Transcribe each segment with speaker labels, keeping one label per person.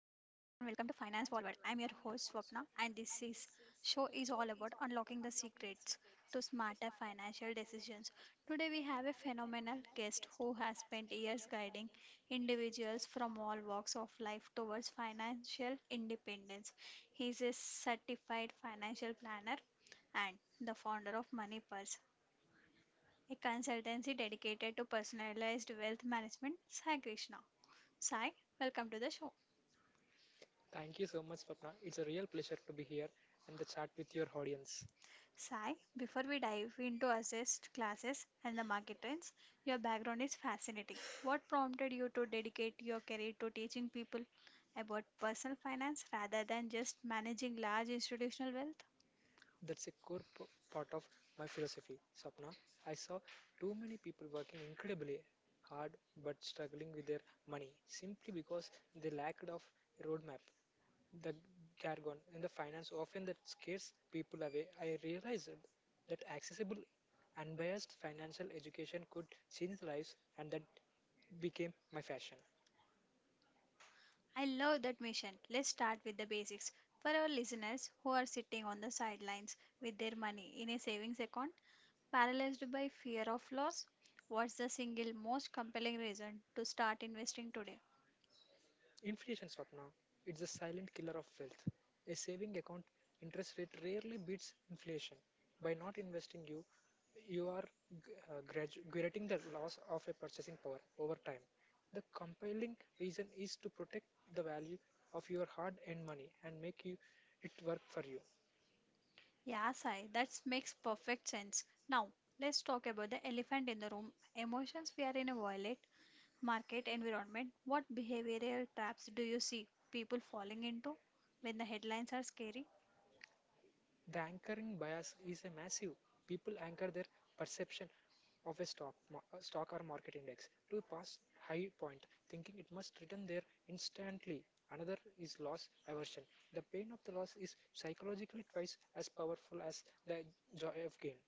Speaker 1: Forward. I'm your host Swapna, and this is show is all about unlocking the secrets to smarter financial decisions. Today we have a phenomenal guest who has spent years guiding individuals from all walks of life towards financial independence. He is a certified financial planner and the founder of Money Purse, a consultancy dedicated to personalized wealth management, Sai Krishna. Sai, welcome to the show.
Speaker 2: Thank you so much, Swapna. It's a real pleasure to be here and the chat with your audience.
Speaker 1: Sai, before we dive into assessed classes and the market trends, your background is fascinating. What prompted you to dedicate your career to teaching people about personal finance rather than just managing large institutional wealth?
Speaker 2: That's a core p- part of my philosophy, Swapna. I saw too many people working incredibly hard but struggling with their money simply because they lacked of a roadmap. The jargon and the finance often that scares people away. I realized that accessible, unbiased financial education could change lives, and that became my fashion.
Speaker 1: I love that mission. Let's start with the basics. For our listeners who are sitting on the sidelines with their money in a savings account, paralyzed by fear of loss, what's the single most compelling reason to start investing today?
Speaker 2: Inflation, Swapna, it's a silent killer of wealth. A saving account interest rate rarely beats inflation. By not investing, you are getting the loss of a purchasing power over time. The compelling reason is to protect the value of your hard-earned money and make you it work for you.
Speaker 1: Yeah, Sai, that makes perfect sense. Now, let's talk about the elephant in the room emotions. We are in a violent market environment. What behavioral traps do you see people falling into when the headlines are scary?
Speaker 2: The anchoring bias is a massive. People anchor their perception of a stock or market index to a past high point, thinking it must return there instantly. Another is loss aversion. The pain of the loss is psychologically twice as powerful as the joy of gain.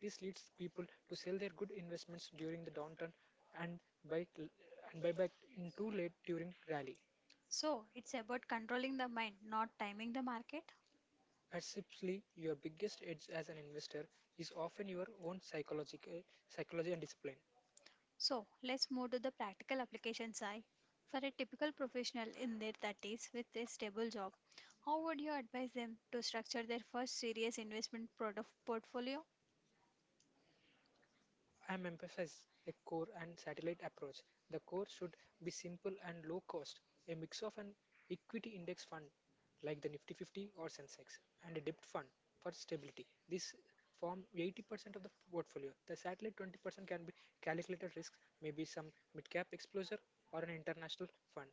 Speaker 2: This leads people to sell their good investments during the downturn and buy buy back in too late during rally.
Speaker 1: So, it's about controlling the mind, not timing the market.
Speaker 2: Perceptually, your biggest edge as an investor is often your own psychological psychology and discipline.
Speaker 1: So, let's move to the practical application side. For a typical professional in their 30s with a stable job, how would you advise them to structure their first serious investment product portfolio?
Speaker 2: I am emphasize a core and satellite approach. The core should be simple and low cost, a mix of an equity index fund like the Nifty 50 or Sensex and a debt fund for stability. This form 80% of the portfolio. The satellite 20% can be calculated risk, maybe some mid-cap exposure or an international fund.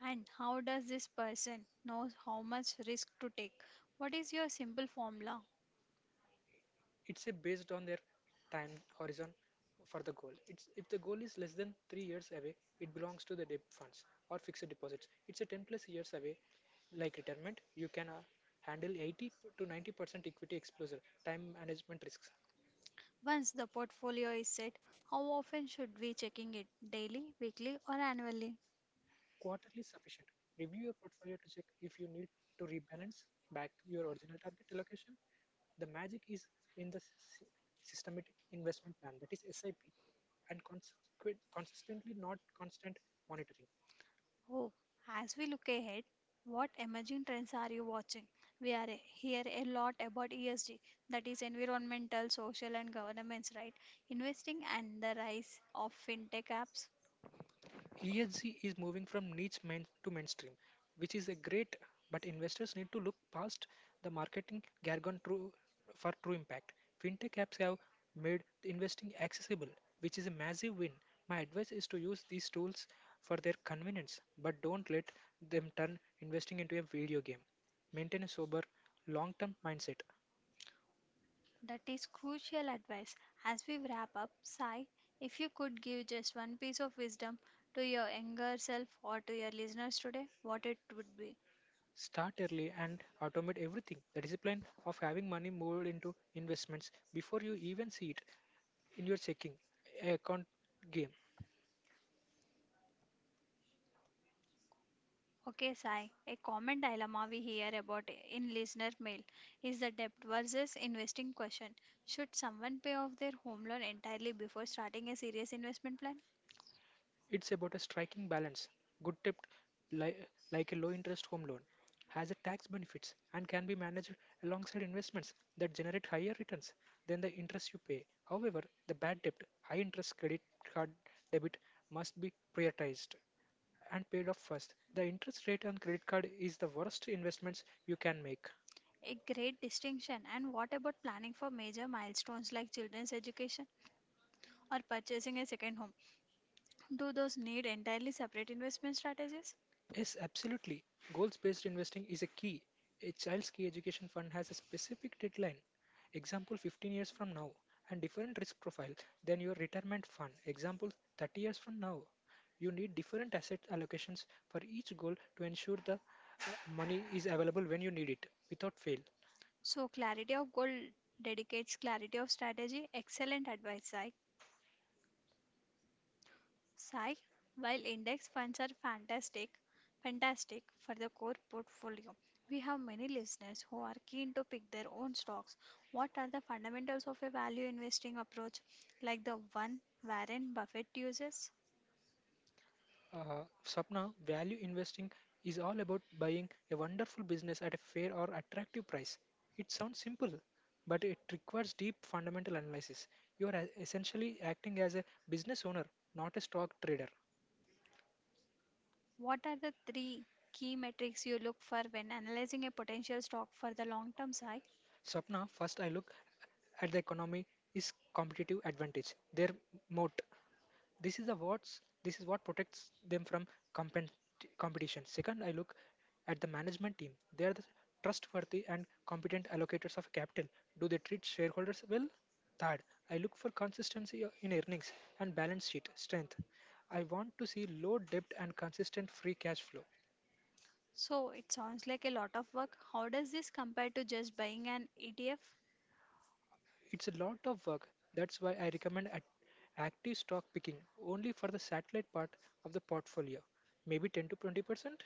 Speaker 1: And how does this person know how much risk to take? What is your simple formula?
Speaker 2: It's a based on their time horizon for the goal. It's if the goal is less than 3 years away it belongs to the debt funds or fixed deposits. It's a 10 plus years away like retirement, you can handle 80 to 90% equity exposure, time management risks.
Speaker 1: Once the portfolio is set, how often should we checking it? Daily, weekly or annually?
Speaker 2: Quarterly sufficient, review your portfolio to check if you need to rebalance back to your original target allocation. The magic is in the sy- systematic investment plan, that is sip, and consistently not constant monitoring.
Speaker 1: Oh, as we look ahead, what emerging trends are you watching? We hear a lot about ESG, that is environmental, social, and governance, right? Investing and the rise of fintech apps.
Speaker 2: ESG is moving from niche main to mainstream, which is a great, but investors need to look past the marketing jargon true, for true impact. Fintech apps have made investing accessible, which is a massive win. My advice is to use these tools for their convenience, but don't let them turn investing into a video game. Maintain a sober, long term mindset.
Speaker 1: That is crucial advice. As we wrap up, Sai, if you could give just one piece of wisdom to your younger self or to your listeners today, what it would be?
Speaker 2: Start early and automate everything. The discipline of having money moved into investments before you even see it in your checking account game.
Speaker 1: Okay, Sai. A common dilemma we hear about in listener mail is the debt versus investing question. Should someone pay off their home loan entirely before starting a serious investment plan?
Speaker 2: It's about a striking balance. Good tip, li- like a low interest home loan, has a tax benefits and can be managed alongside investments that generate higher returns than the interest you pay. However, the bad debt, high interest credit card debit must be prioritized and paid off first. The interest rate on credit card is the worst investments you can make.
Speaker 1: A great distinction. And what about planning for major milestones like children's education or purchasing a second home? Do those need entirely separate investment strategies?
Speaker 2: Yes, absolutely. Goals based investing is a key. A child's key education fund has a specific deadline, example 15 years from now, and different risk profile than your retirement fund, example 30 years from now. You need different asset allocations for each goal to ensure the money is available when you need it without fail.
Speaker 1: So, clarity of goal dedicates clarity of strategy. Excellent advice, Sai. Sai, while index funds are fantastic for the core portfolio, we have many listeners who are keen to pick their own stocks. What are the fundamentals of a value investing approach like the one Warren Buffett uses?
Speaker 2: Swapna, value investing is all about buying a wonderful business at a fair or attractive price. It sounds simple, but it requires deep fundamental analysis. You are essentially acting as a business owner, not a stock trader.
Speaker 1: What are the three key metrics you look for when analyzing a potential stock for the long term, Sai?
Speaker 2: Swapna, first I look at the economy is competitive advantage, their moat. This is what protects them from compen- competition. Second, I look at the management team. They are the trustworthy and competent allocators of capital. Do they treat shareholders well? Third, I look for consistency in earnings and balance sheet strength. I want to see low debt and consistent free cash flow.
Speaker 1: So it sounds like a lot of work. How does this compare to just buying an ETF?
Speaker 2: It's a lot of work. That's why I recommend at active stock picking only for the satellite part of the portfolio, maybe 10 to 20%,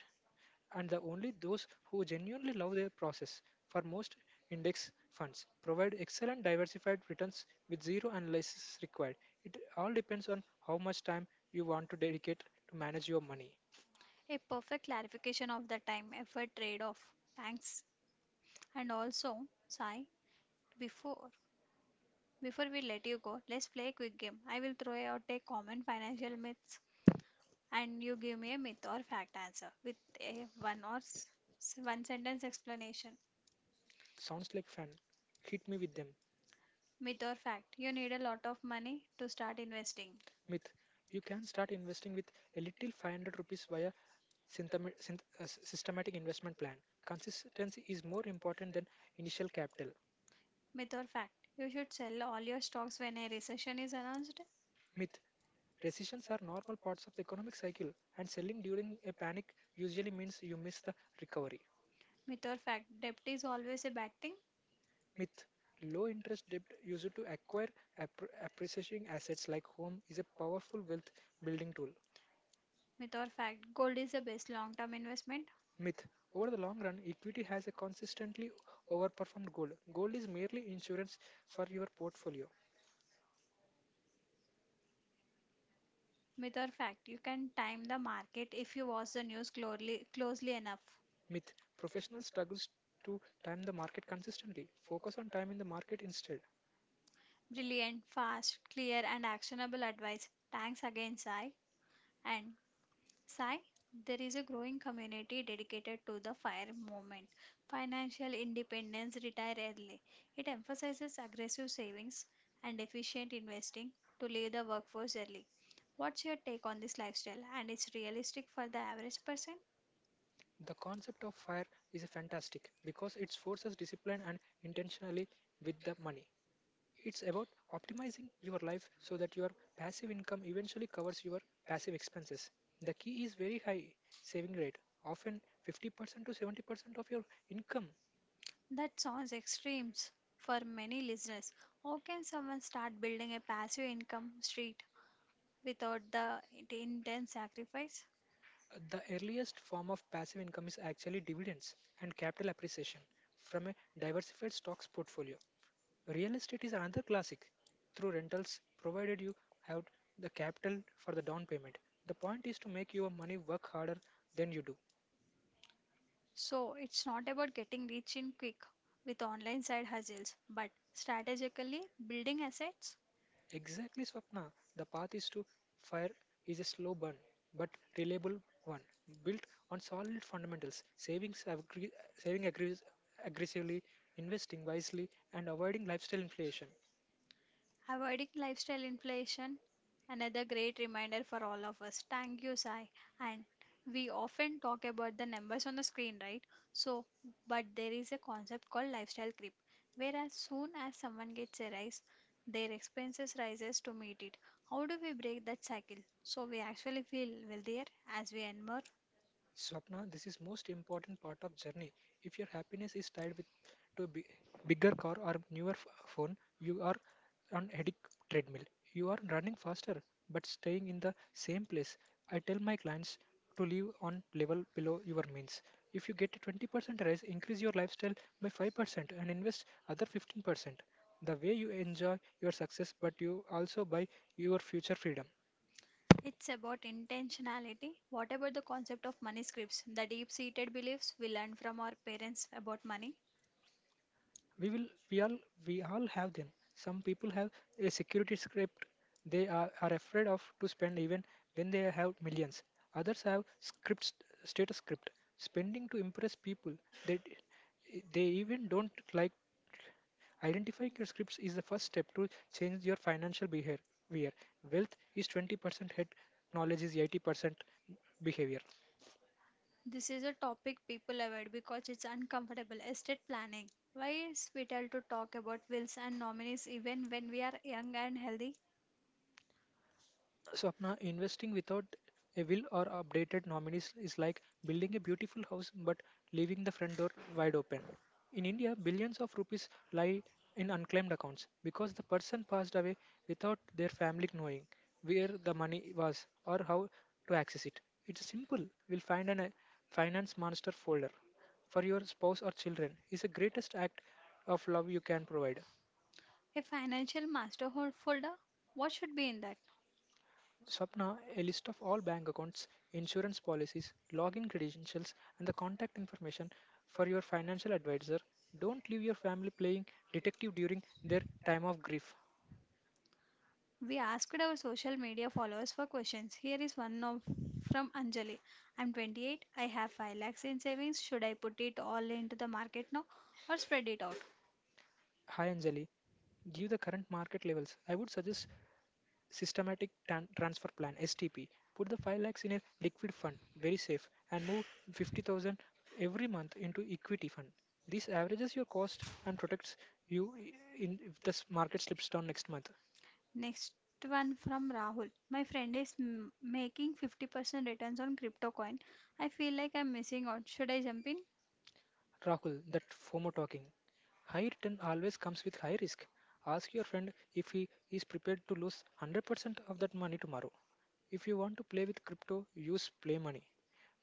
Speaker 2: and the only those who genuinely love their process. For most, index funds provide excellent diversified returns with zero analysis required. It all depends on how much time you want to dedicate to manage your money.
Speaker 1: A perfect clarification of the time effort trade off. Thanks. And also, Sai, before before we let you go, let's play a quick game. I will throw out a common financial myths, and you give me a myth or fact answer with a one or s- s- one sentence explanation.
Speaker 2: Sounds like fun. Hit me with them.
Speaker 1: Myth or fact, you need a lot of money to start investing.
Speaker 2: Myth. You can start investing with a little 500 rupees via systematic investment plan. Consistency is more important than initial capital.
Speaker 1: Myth or fact, you should sell all your stocks when a recession is announced.
Speaker 2: Myth. Recessions are normal parts of the economic cycle, and selling during a panic usually means you miss the recovery.
Speaker 1: Myth or fact, debt is always a bad thing.
Speaker 2: Myth. Low interest debt used to acquire appreciating assets like home is a powerful wealth building tool.
Speaker 1: Myth or fact, gold is the best long-term investment.
Speaker 2: Myth. Over the long run, equity has a consistently overperformed gold. Gold is merely insurance for your portfolio.
Speaker 1: Myth or fact, you can time the market if you watch the news closely enough.
Speaker 2: Myth. Professional struggles to time the market consistently. Focus on time in the market instead.
Speaker 1: Brilliant, fast, clear, and actionable advice. Thanks again, Sai. And Sai, there is a growing community dedicated to the FIRE movement financial independence, retire early. It emphasizes aggressive savings and efficient investing to leave the workforce early. What's your take on this lifestyle and it's realistic for the average person?
Speaker 2: The concept of fire is fantastic because it forces discipline and intentionally with the money. It's about optimizing your life so that your passive income eventually covers your passive expenses. The key is very high saving rate, often 50% to 70% of your income.
Speaker 1: That sounds extremes for many listeners. How can someone start building a passive income street without the intense sacrifice?
Speaker 2: The earliest form of passive income is actually dividends and capital appreciation from a diversified stocks portfolio. Real estate is another classic. Through rentals, provided you have the capital for the down payment. The point is to make your money work harder than you do.
Speaker 1: So it's not about getting rich in quick with online side hustles, but strategically building assets.
Speaker 2: Exactly, Swapna. The path is to fire is a slow burn, but reliable one, built on solid fundamentals, savings, saving aggressively, investing wisely, and avoiding lifestyle inflation.
Speaker 1: Avoiding lifestyle inflation, another great reminder for all of us. Thank you, Sai. And we often talk about the numbers on the screen, right? So, but there is a concept called lifestyle creep, where as soon as someone gets a rise, their expenses rises to meet it. How do we break that cycle so we actually feel wealthier as we earn more?
Speaker 2: Swapna, this is most important part of journey. If your happiness is tied with to bigger car or newer phone, you are on headache treadmill. You are running faster but staying in the same place. I tell my clients to live on level below your means. If you get a 20% raise, increase your lifestyle by 5% and invest other 15%. The way you enjoy your success but you also buy your future freedom.
Speaker 1: It's about intentionality. What about the concept of money scripts, the deep seated beliefs we learn from our parents about money?
Speaker 2: we will we all we all have them. Some people have a security script. They are afraid of to spend even when they have millions. Others have scripts status script, spending to impress people that they even don't like. Identifying your scripts is the first step to change your financial behavior. Wealth is 20% head, knowledge is 80% behavior.
Speaker 1: This is a topic people avoid because it's uncomfortable. Estate planning. Why is vital to talk about wills and nominees even when we are young and healthy?
Speaker 2: Swapna, investing without a will or updated nominees is like building a beautiful house but leaving the front door wide open. In India, billions of rupees lie in unclaimed accounts because the person passed away without their family knowing where the money was or how to access it. It's simple. A finance monster folder for your spouse or children is the greatest act of love you can provide.
Speaker 1: A financial folder? What should be in that?
Speaker 2: Swapna, a list of all bank accounts, insurance policies, login credentials, and the contact information for your financial advisor. Don't leave your family playing detective during their time of grief.
Speaker 1: We asked our social media followers for questions. Here is from Anjali. I'm 28. I have 5 lakhs in savings. Should I put it all into the market now or spread it out?
Speaker 2: Hi Anjali, give the current market levels. I would suggest systematic transfer plan STP. Put the 5 lakhs in a liquid fund, very safe, and move 50,000 every month into equity fund. This averages your cost and protects you in if the market slips down next month.
Speaker 1: Next one from Rahul. My friend is making 50% returns on crypto coin. I feel like I'm missing out. Should I jump in?
Speaker 2: Rahul, that FOMO talking. High return always comes with high risk. Ask your friend if he is prepared to lose 100% of that money tomorrow. If you want to play with crypto, use play money.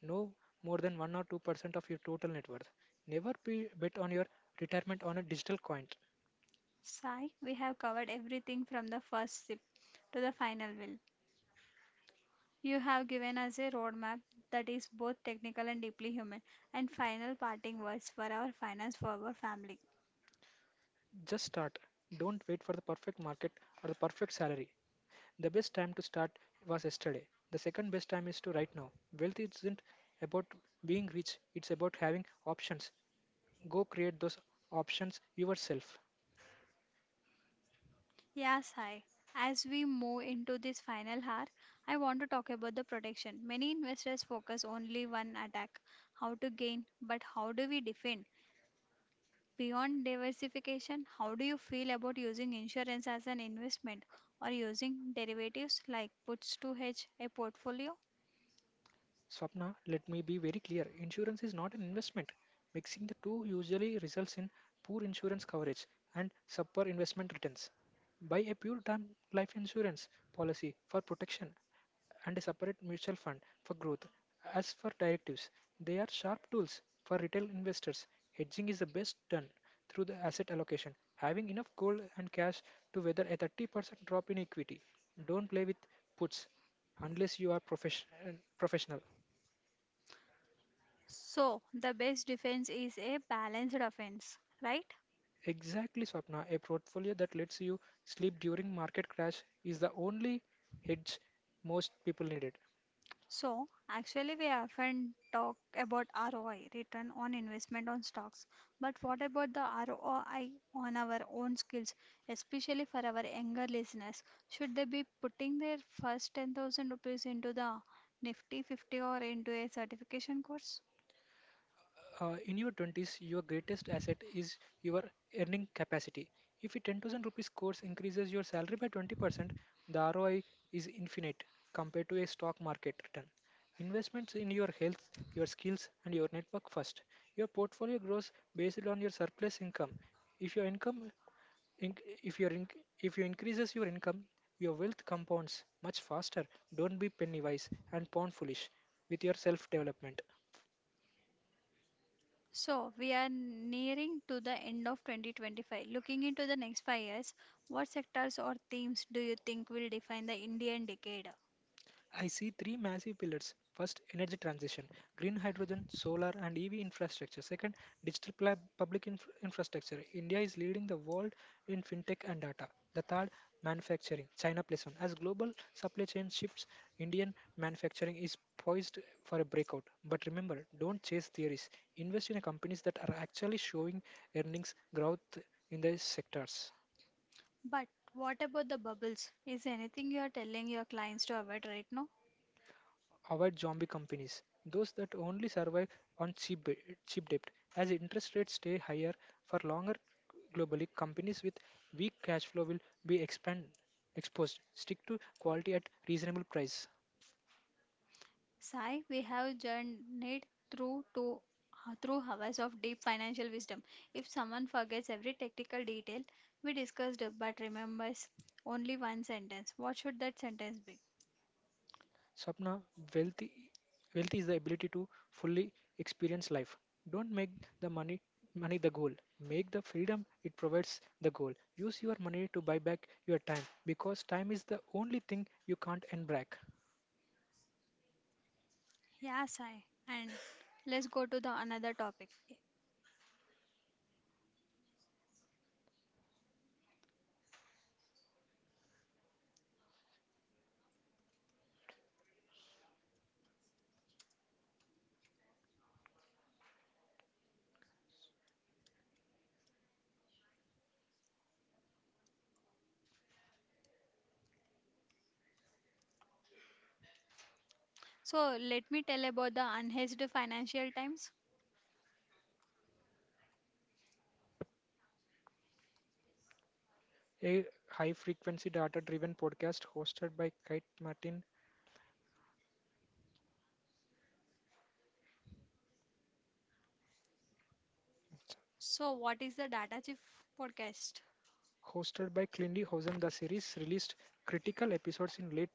Speaker 2: No more than 1 or 2% of your total net worth. Never be bet on your retirement on a digital coin.
Speaker 1: Sai, we have covered everything from the first sip to the final will. You have given us a roadmap that is both technical and deeply human, and final parting words for our finance forward family.
Speaker 2: Just start. Don't wait for the perfect market or the perfect salary. The best time to start was yesterday. The second best time is to right now. Wealth isn't about being rich, it's about having options. Go create those options yourself.
Speaker 1: Yes, hi. As we move into this final hour, I want to talk about the protection. Many investors focus only one attack, how to gain, but how do we defend? Beyond diversification, how do you feel about using insurance as an investment or using derivatives like puts to hedge a portfolio?
Speaker 2: Swapna, let me be very clear. Insurance is not an investment. Mixing the two usually results in poor insurance coverage and subpar investment returns. Buy a pure term life insurance policy for protection and a separate mutual fund for growth. As for directives, they are sharp tools for retail investors. Hedging is the best done through the asset allocation, having enough gold and cash to weather a 30% drop in equity. Don't play with puts unless you are professional.
Speaker 1: So, the best defense is a balanced offense, right?
Speaker 2: Exactly, Swapna. A portfolio that lets you sleep during market crash is the only hedge most people needed.
Speaker 1: So, actually, we often talk about ROI, return on investment on stocks. But what about the ROI on our own skills, especially for our younger listeners? Should they be putting their first 10,000 rupees into the Nifty 50 or into a certification course?
Speaker 2: In your 20s, your greatest asset is your earning capacity. If a 10,000 rupees course increases your salary by 20%, the ROI is infinite compared to a stock market return. Investments in your health, your skills, and your network first. Your portfolio grows based on your surplus income. If your income Inc- if your inc- if you increases your income, your wealth compounds much faster. Don't be penny wise and pound foolish with your self development.
Speaker 1: So, we are nearing to the end of 2025. Looking into the next 5 years, what sectors or themes do you think will define the Indian decade?
Speaker 2: I see three massive pillars. First, energy transition, green hydrogen, solar, and EV infrastructure. Second, public infrastructure. India is leading the world in fintech and data. The third, manufacturing, China plus one. As global supply chain shifts, Indian manufacturing is poised for a breakout. But remember, don't chase theories. Invest in companies that are actually showing earnings growth in their sectors.
Speaker 1: But what about the bubbles? Is anything you are telling your clients to avoid right now?
Speaker 2: Avoid zombie companies, those that only survive on cheap debt. As interest rates stay higher for longer globally, companies with weak cash flow will be expand, exposed. Stick to quality at reasonable price.
Speaker 1: Sai, we have journeyed through to through hours of deep financial wisdom. If someone forgets every technical detail we discussed but remembers only one sentence, what should that sentence be?
Speaker 2: Sapna, wealthy, wealth is the ability to fully experience life. Don't make the money money the goal. Make the freedom it provides the goal. Use your money to buy back your time because time is the only thing you can't earn back.
Speaker 1: Yeah, Sai. And let's go to the another topic. So let me tell about the unhedged financial times.
Speaker 2: A high frequency data driven podcast hosted by Kate Martin,
Speaker 1: So what is the data chief forecast?
Speaker 2: hosted by Clindy Hosen. The series released critical episodes in late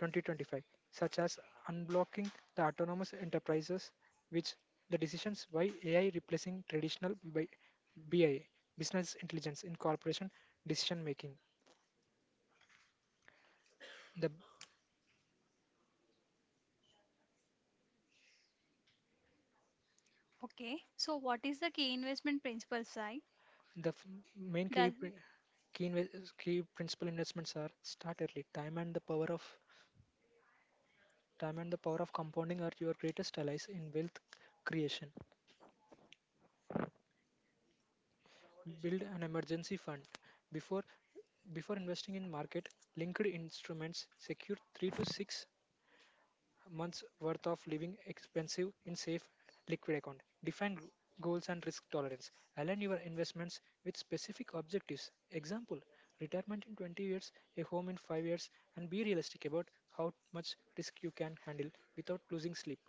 Speaker 2: 2025, such as Unblocking the Autonomous Enterprises, which the decisions why AI replacing traditional BIA, business intelligence in corporation decision making. The,
Speaker 1: Okay. So what is the key investment principle, Sai?
Speaker 2: the f- main key,
Speaker 1: Does
Speaker 2: pri- key, inve- Key principal investments are start early, Time and the power of compounding are your greatest allies in wealth creation. Build an emergency fund. Before before investing in market linked instruments, secure 3 to 6 months worth of living expensive in safe liquid account. Goals and risk tolerance. Align your investments with specific objectives. Example, retirement in 20 years, a home in 5 years, and be realistic about how much risk you can handle without losing sleep.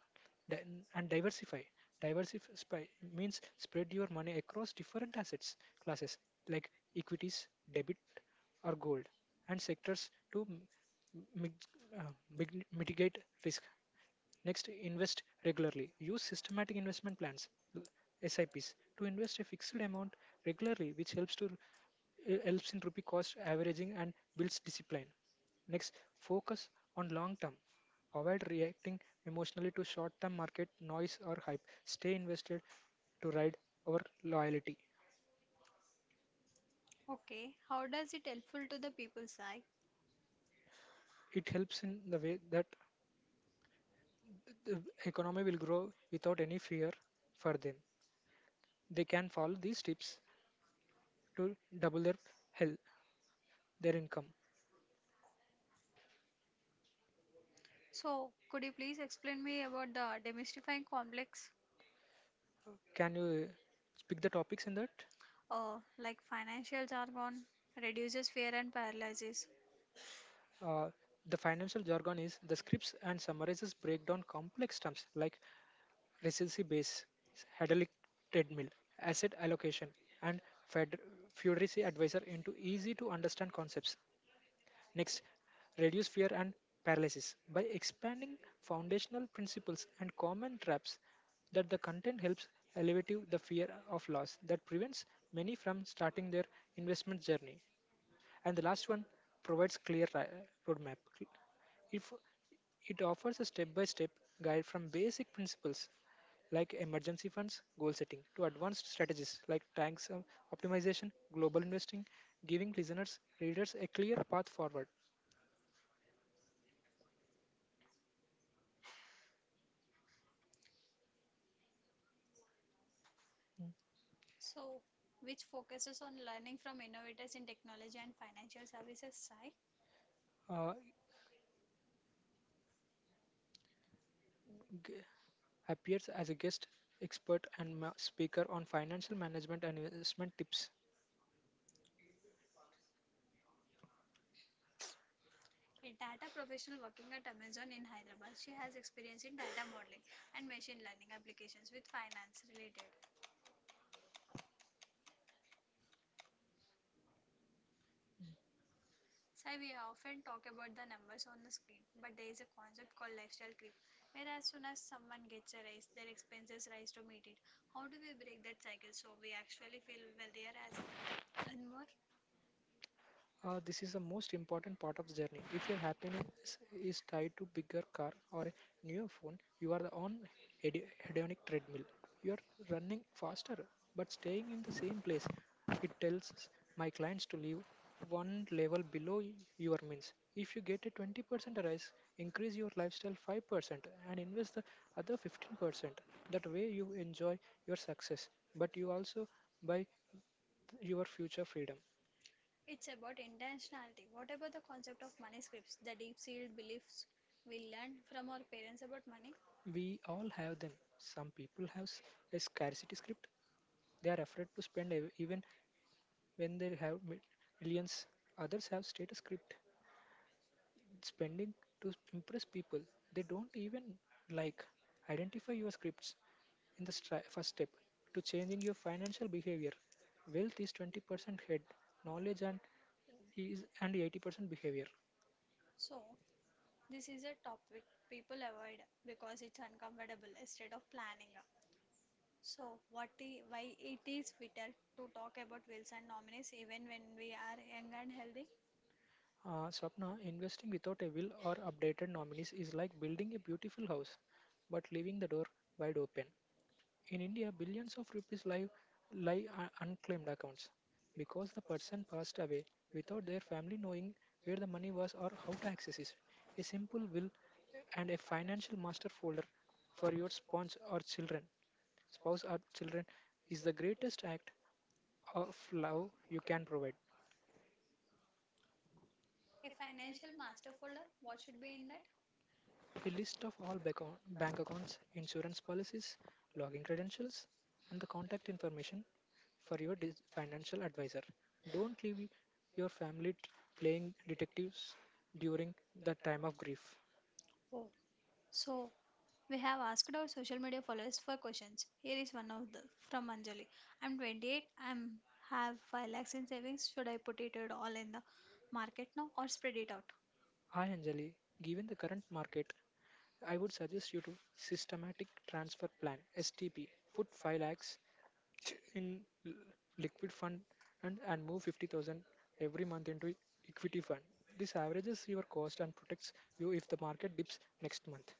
Speaker 2: Di- and diversify. Diversify means spread your money across different assets classes like equities, debit or gold and sectors to mi- uh, mitigate risk. Next, invest regularly. Use systematic investment plans l- SIPs to invest a fixed amount regularly, which helps to helps in rupee cost averaging and builds discipline. Next, focus on long term. Avoid reacting emotionally to short term market noise or hype. Stay invested to ride our loyalty.
Speaker 1: Okay. How does it helpful to the people, Sai?
Speaker 2: It helps in the way that the economy will grow without any fear for them. They can follow these tips to double their health their income.
Speaker 1: So could you please explain me about the demystifying complex,
Speaker 2: Can you speak the topics in that?
Speaker 1: like financial jargon, reduces fear and paralysis.
Speaker 2: Uh, the financial jargon is the scripts and summarizes break down complex terms like resiliency base, hedonic treadmill, asset allocation, and fed- Federici advisor into easy to understand concepts. Next, reduce fear and paralysis by expanding foundational principles and common traps that the content helps alleviate the fear of loss that prevents many from starting their investment journey. And the last one provides roadmap. If it offers a step-by-step guide from basic principles like emergency funds, goal setting, to advanced strategies like tax optimization, global investing, giving listeners, readers a clear path forward. Mm.
Speaker 1: So which focuses on learning from innovators in technology and financial services, Sai?
Speaker 2: Uh, g- Appears as a guest expert and speaker on financial management and investment tips.
Speaker 1: A data professional working at Amazon in Hyderabad, she has experience in data modeling and machine learning applications with finance related. Sai, we often talk about the numbers on the screen, but there is a concept called lifestyle creep, where as soon as someone gets a raise, their expenses rise to meet it. How do we break that cycle so we actually feel wealthier as and more?
Speaker 2: This is the most important part of the journey. If your happiness is tied to bigger car or a newer phone, you are on hedonic treadmill. You are running faster, but staying in the same place. It tells my clients to live one level below your means. If you get a 20% rise, increase your lifestyle 5% and invest the other 15%. That way you enjoy your success, but you also buy your future freedom.
Speaker 1: It's about intentionality. What about the concept of money scripts, the deep seated beliefs we learn from our parents about money?
Speaker 2: We all have them. Some people have a scarcity script. They are afraid to spend even when they have millions. Others have status script, spending to impress people they don't even like. Identify your scripts in the first step to changing your financial behavior. Wealth is 20% head, knowledge and 80% behavior.
Speaker 1: So, this is a topic people avoid because it's uncomfortable instead of planning. So, what why it is vital to talk about wills and nominees even when we are young and healthy?
Speaker 2: Swapna, investing without a will or updated nominees is like building a beautiful house but leaving the door wide open. In India, billions of rupees lie on unclaimed accounts because the person passed away without their family knowing where the money was or how to access it. A simple will and a financial master folder for your spouse or children, is the greatest act of love you can provide.
Speaker 1: A financial master folder, what should be in that?
Speaker 2: A list of all bank accounts, insurance policies, login credentials, and the contact information for your financial advisor. Don't leave your family playing detectives during the time of grief.
Speaker 1: Oh, so we have asked our social media followers for questions. Here is one of the from Anjali. I'm 28. I'm have 5 lakhs in savings. Should I put it at all in the market now or spread it out?
Speaker 2: Hi Anjali, given the current market, I would suggest you to systematic transfer plan STP. Put 5 lakhs in l- liquid fund and move 50,000 every month into equity fund. This averages your cost and protects you if the market dips next month.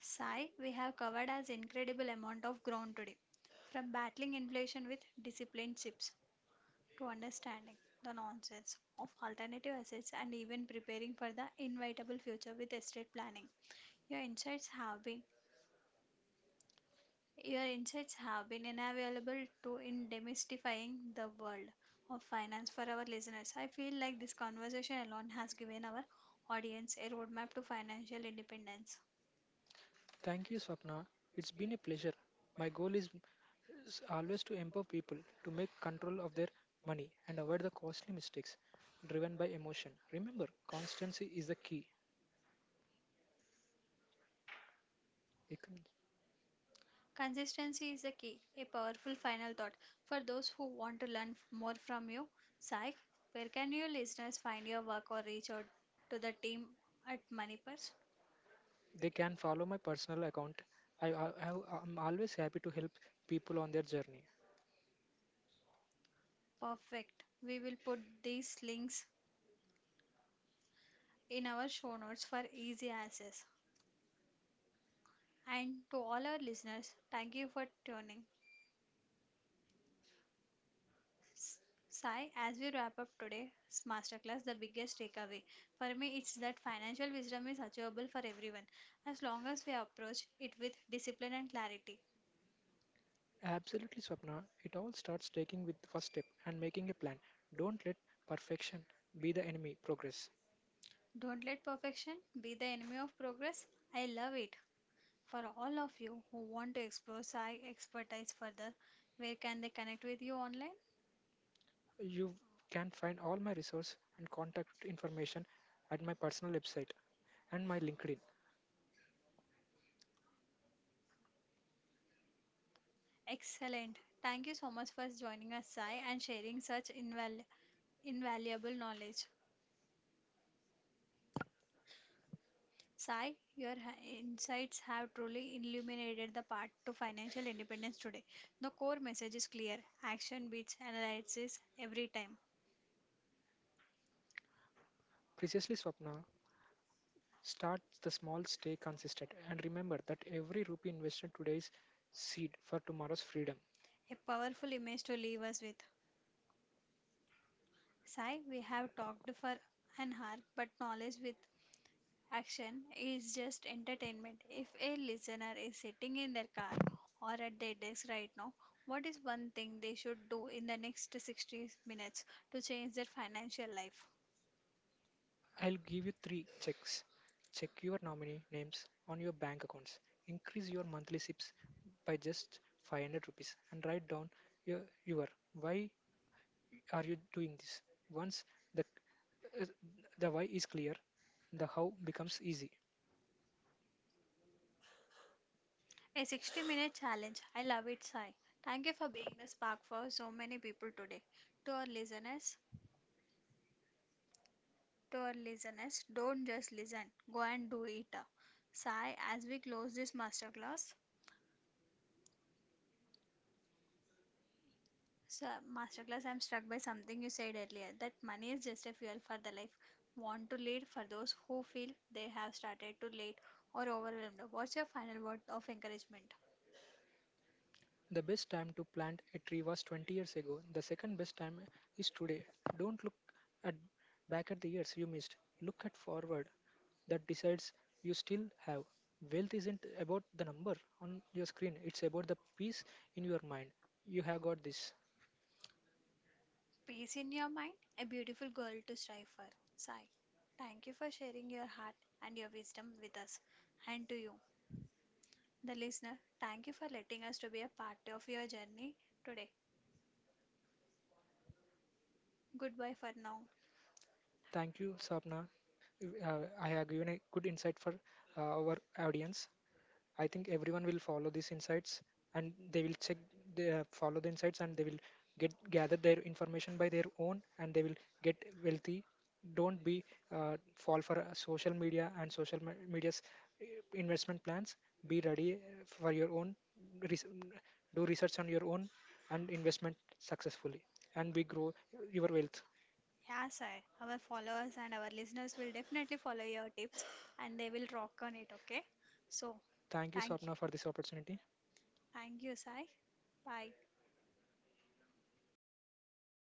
Speaker 1: Sai, we have covered as incredible amount of ground today. From battling inflation with disciplined chips to understanding the nonsense of alternative assets and even preparing for the inevitable future with estate planning. Your insights have been your insights have been invaluable to in demystifying the world of finance for our listeners. I feel like this conversation alone has given our audience a roadmap to financial independence.
Speaker 2: Thank you, Swapna. It's been a pleasure. My goal is always to empower people to make control of their money and avoid the costly mistakes driven by emotion. Remember, constancy is the key. They can
Speaker 1: Consistency is the key, a powerful final thought. For those who want to learn more from you, Sai, where can your listeners find your work or reach out to the team at Moneypurse?
Speaker 2: they can follow my personal account. I'm always happy to help people on their journey.
Speaker 1: Perfect. We will put these links in our show notes for easy access. And to all our listeners, thank you for tuning. S- Sai, as we wrap up today's masterclass, the biggest takeaway for me is that financial wisdom is achievable for everyone as long as we approach it with discipline and clarity.
Speaker 2: Absolutely, Swapna. It all starts taking with the first step and making a plan. Don't let perfection be the enemy. Progress.
Speaker 1: Don't let perfection be the enemy of progress. I love it. For all of you who want to explore Sai expertise further, where can they connect with you online?
Speaker 2: You can find all my resource and contact information at my personal website and my LinkedIn.
Speaker 1: Excellent. Thank you so much for joining us, Sai, and sharing such invaluable knowledge. Sai, your insights have truly illuminated the path to financial independence today. The core message is clear action beats analysis every time.
Speaker 2: Precisely, Swapna. Start the small, stay consistent, and remember that every rupee invested today is seed for tomorrow's freedom.
Speaker 1: A powerful image to leave us with. Sai, we have talked for an hour, but knowledge with action is just entertainment. If a listener is sitting in their car or at their desk right now, what is one thing they should do in the next 60 minutes to change their financial life?
Speaker 2: I'll give you three checks. Check your nominee names on your bank accounts. Increase your monthly SIPs by just 500 rupees and write down your, your why are you doing this. Once the uh, the why is clear, the how becomes easy.
Speaker 1: A 60-minute challenge. I love it, Sai. Thank you for being the spark for so many people today. To our listeners, to our listeners, don't just listen, go and do it. Sai, as we close this so masterclass, I'm struck by something you said earlier that money is just a fuel for the life. Want to lead for those who feel they have started too late or overwhelmed. What's your final word of encouragement?
Speaker 2: The best time to plant a tree was 20 years ago. The second best time is today. Don't look at back at the years you missed. Look at forward that decides you still have. Wealth isn't about the number on your screen, it's about the peace in your mind. You have got this.
Speaker 1: Peace in your mind, a beautiful girl to strive for. Sai, thank you for sharing your heart and your wisdom with us. And to you, the listener, thank you for letting us to be a part of your journey today. Goodbye for now.
Speaker 2: Thank you, Sapna. I have given a good insight for our audience. I think everyone will follow these insights and they will check, they follow the insights and they will get gather their information by their own and they will get wealthy. Don't be fall for social media and media's uh, investment plans. Be ready for your own. Res- do research on your own and investment successfully and we grow your wealth.
Speaker 1: Yeah, Sai, our followers and our listeners will definitely follow your tips and they will rock on it, okay? So,
Speaker 2: Thank you,
Speaker 1: thank you.
Speaker 2: Swapna, for this opportunity.
Speaker 1: Thank you, Sai. Bye.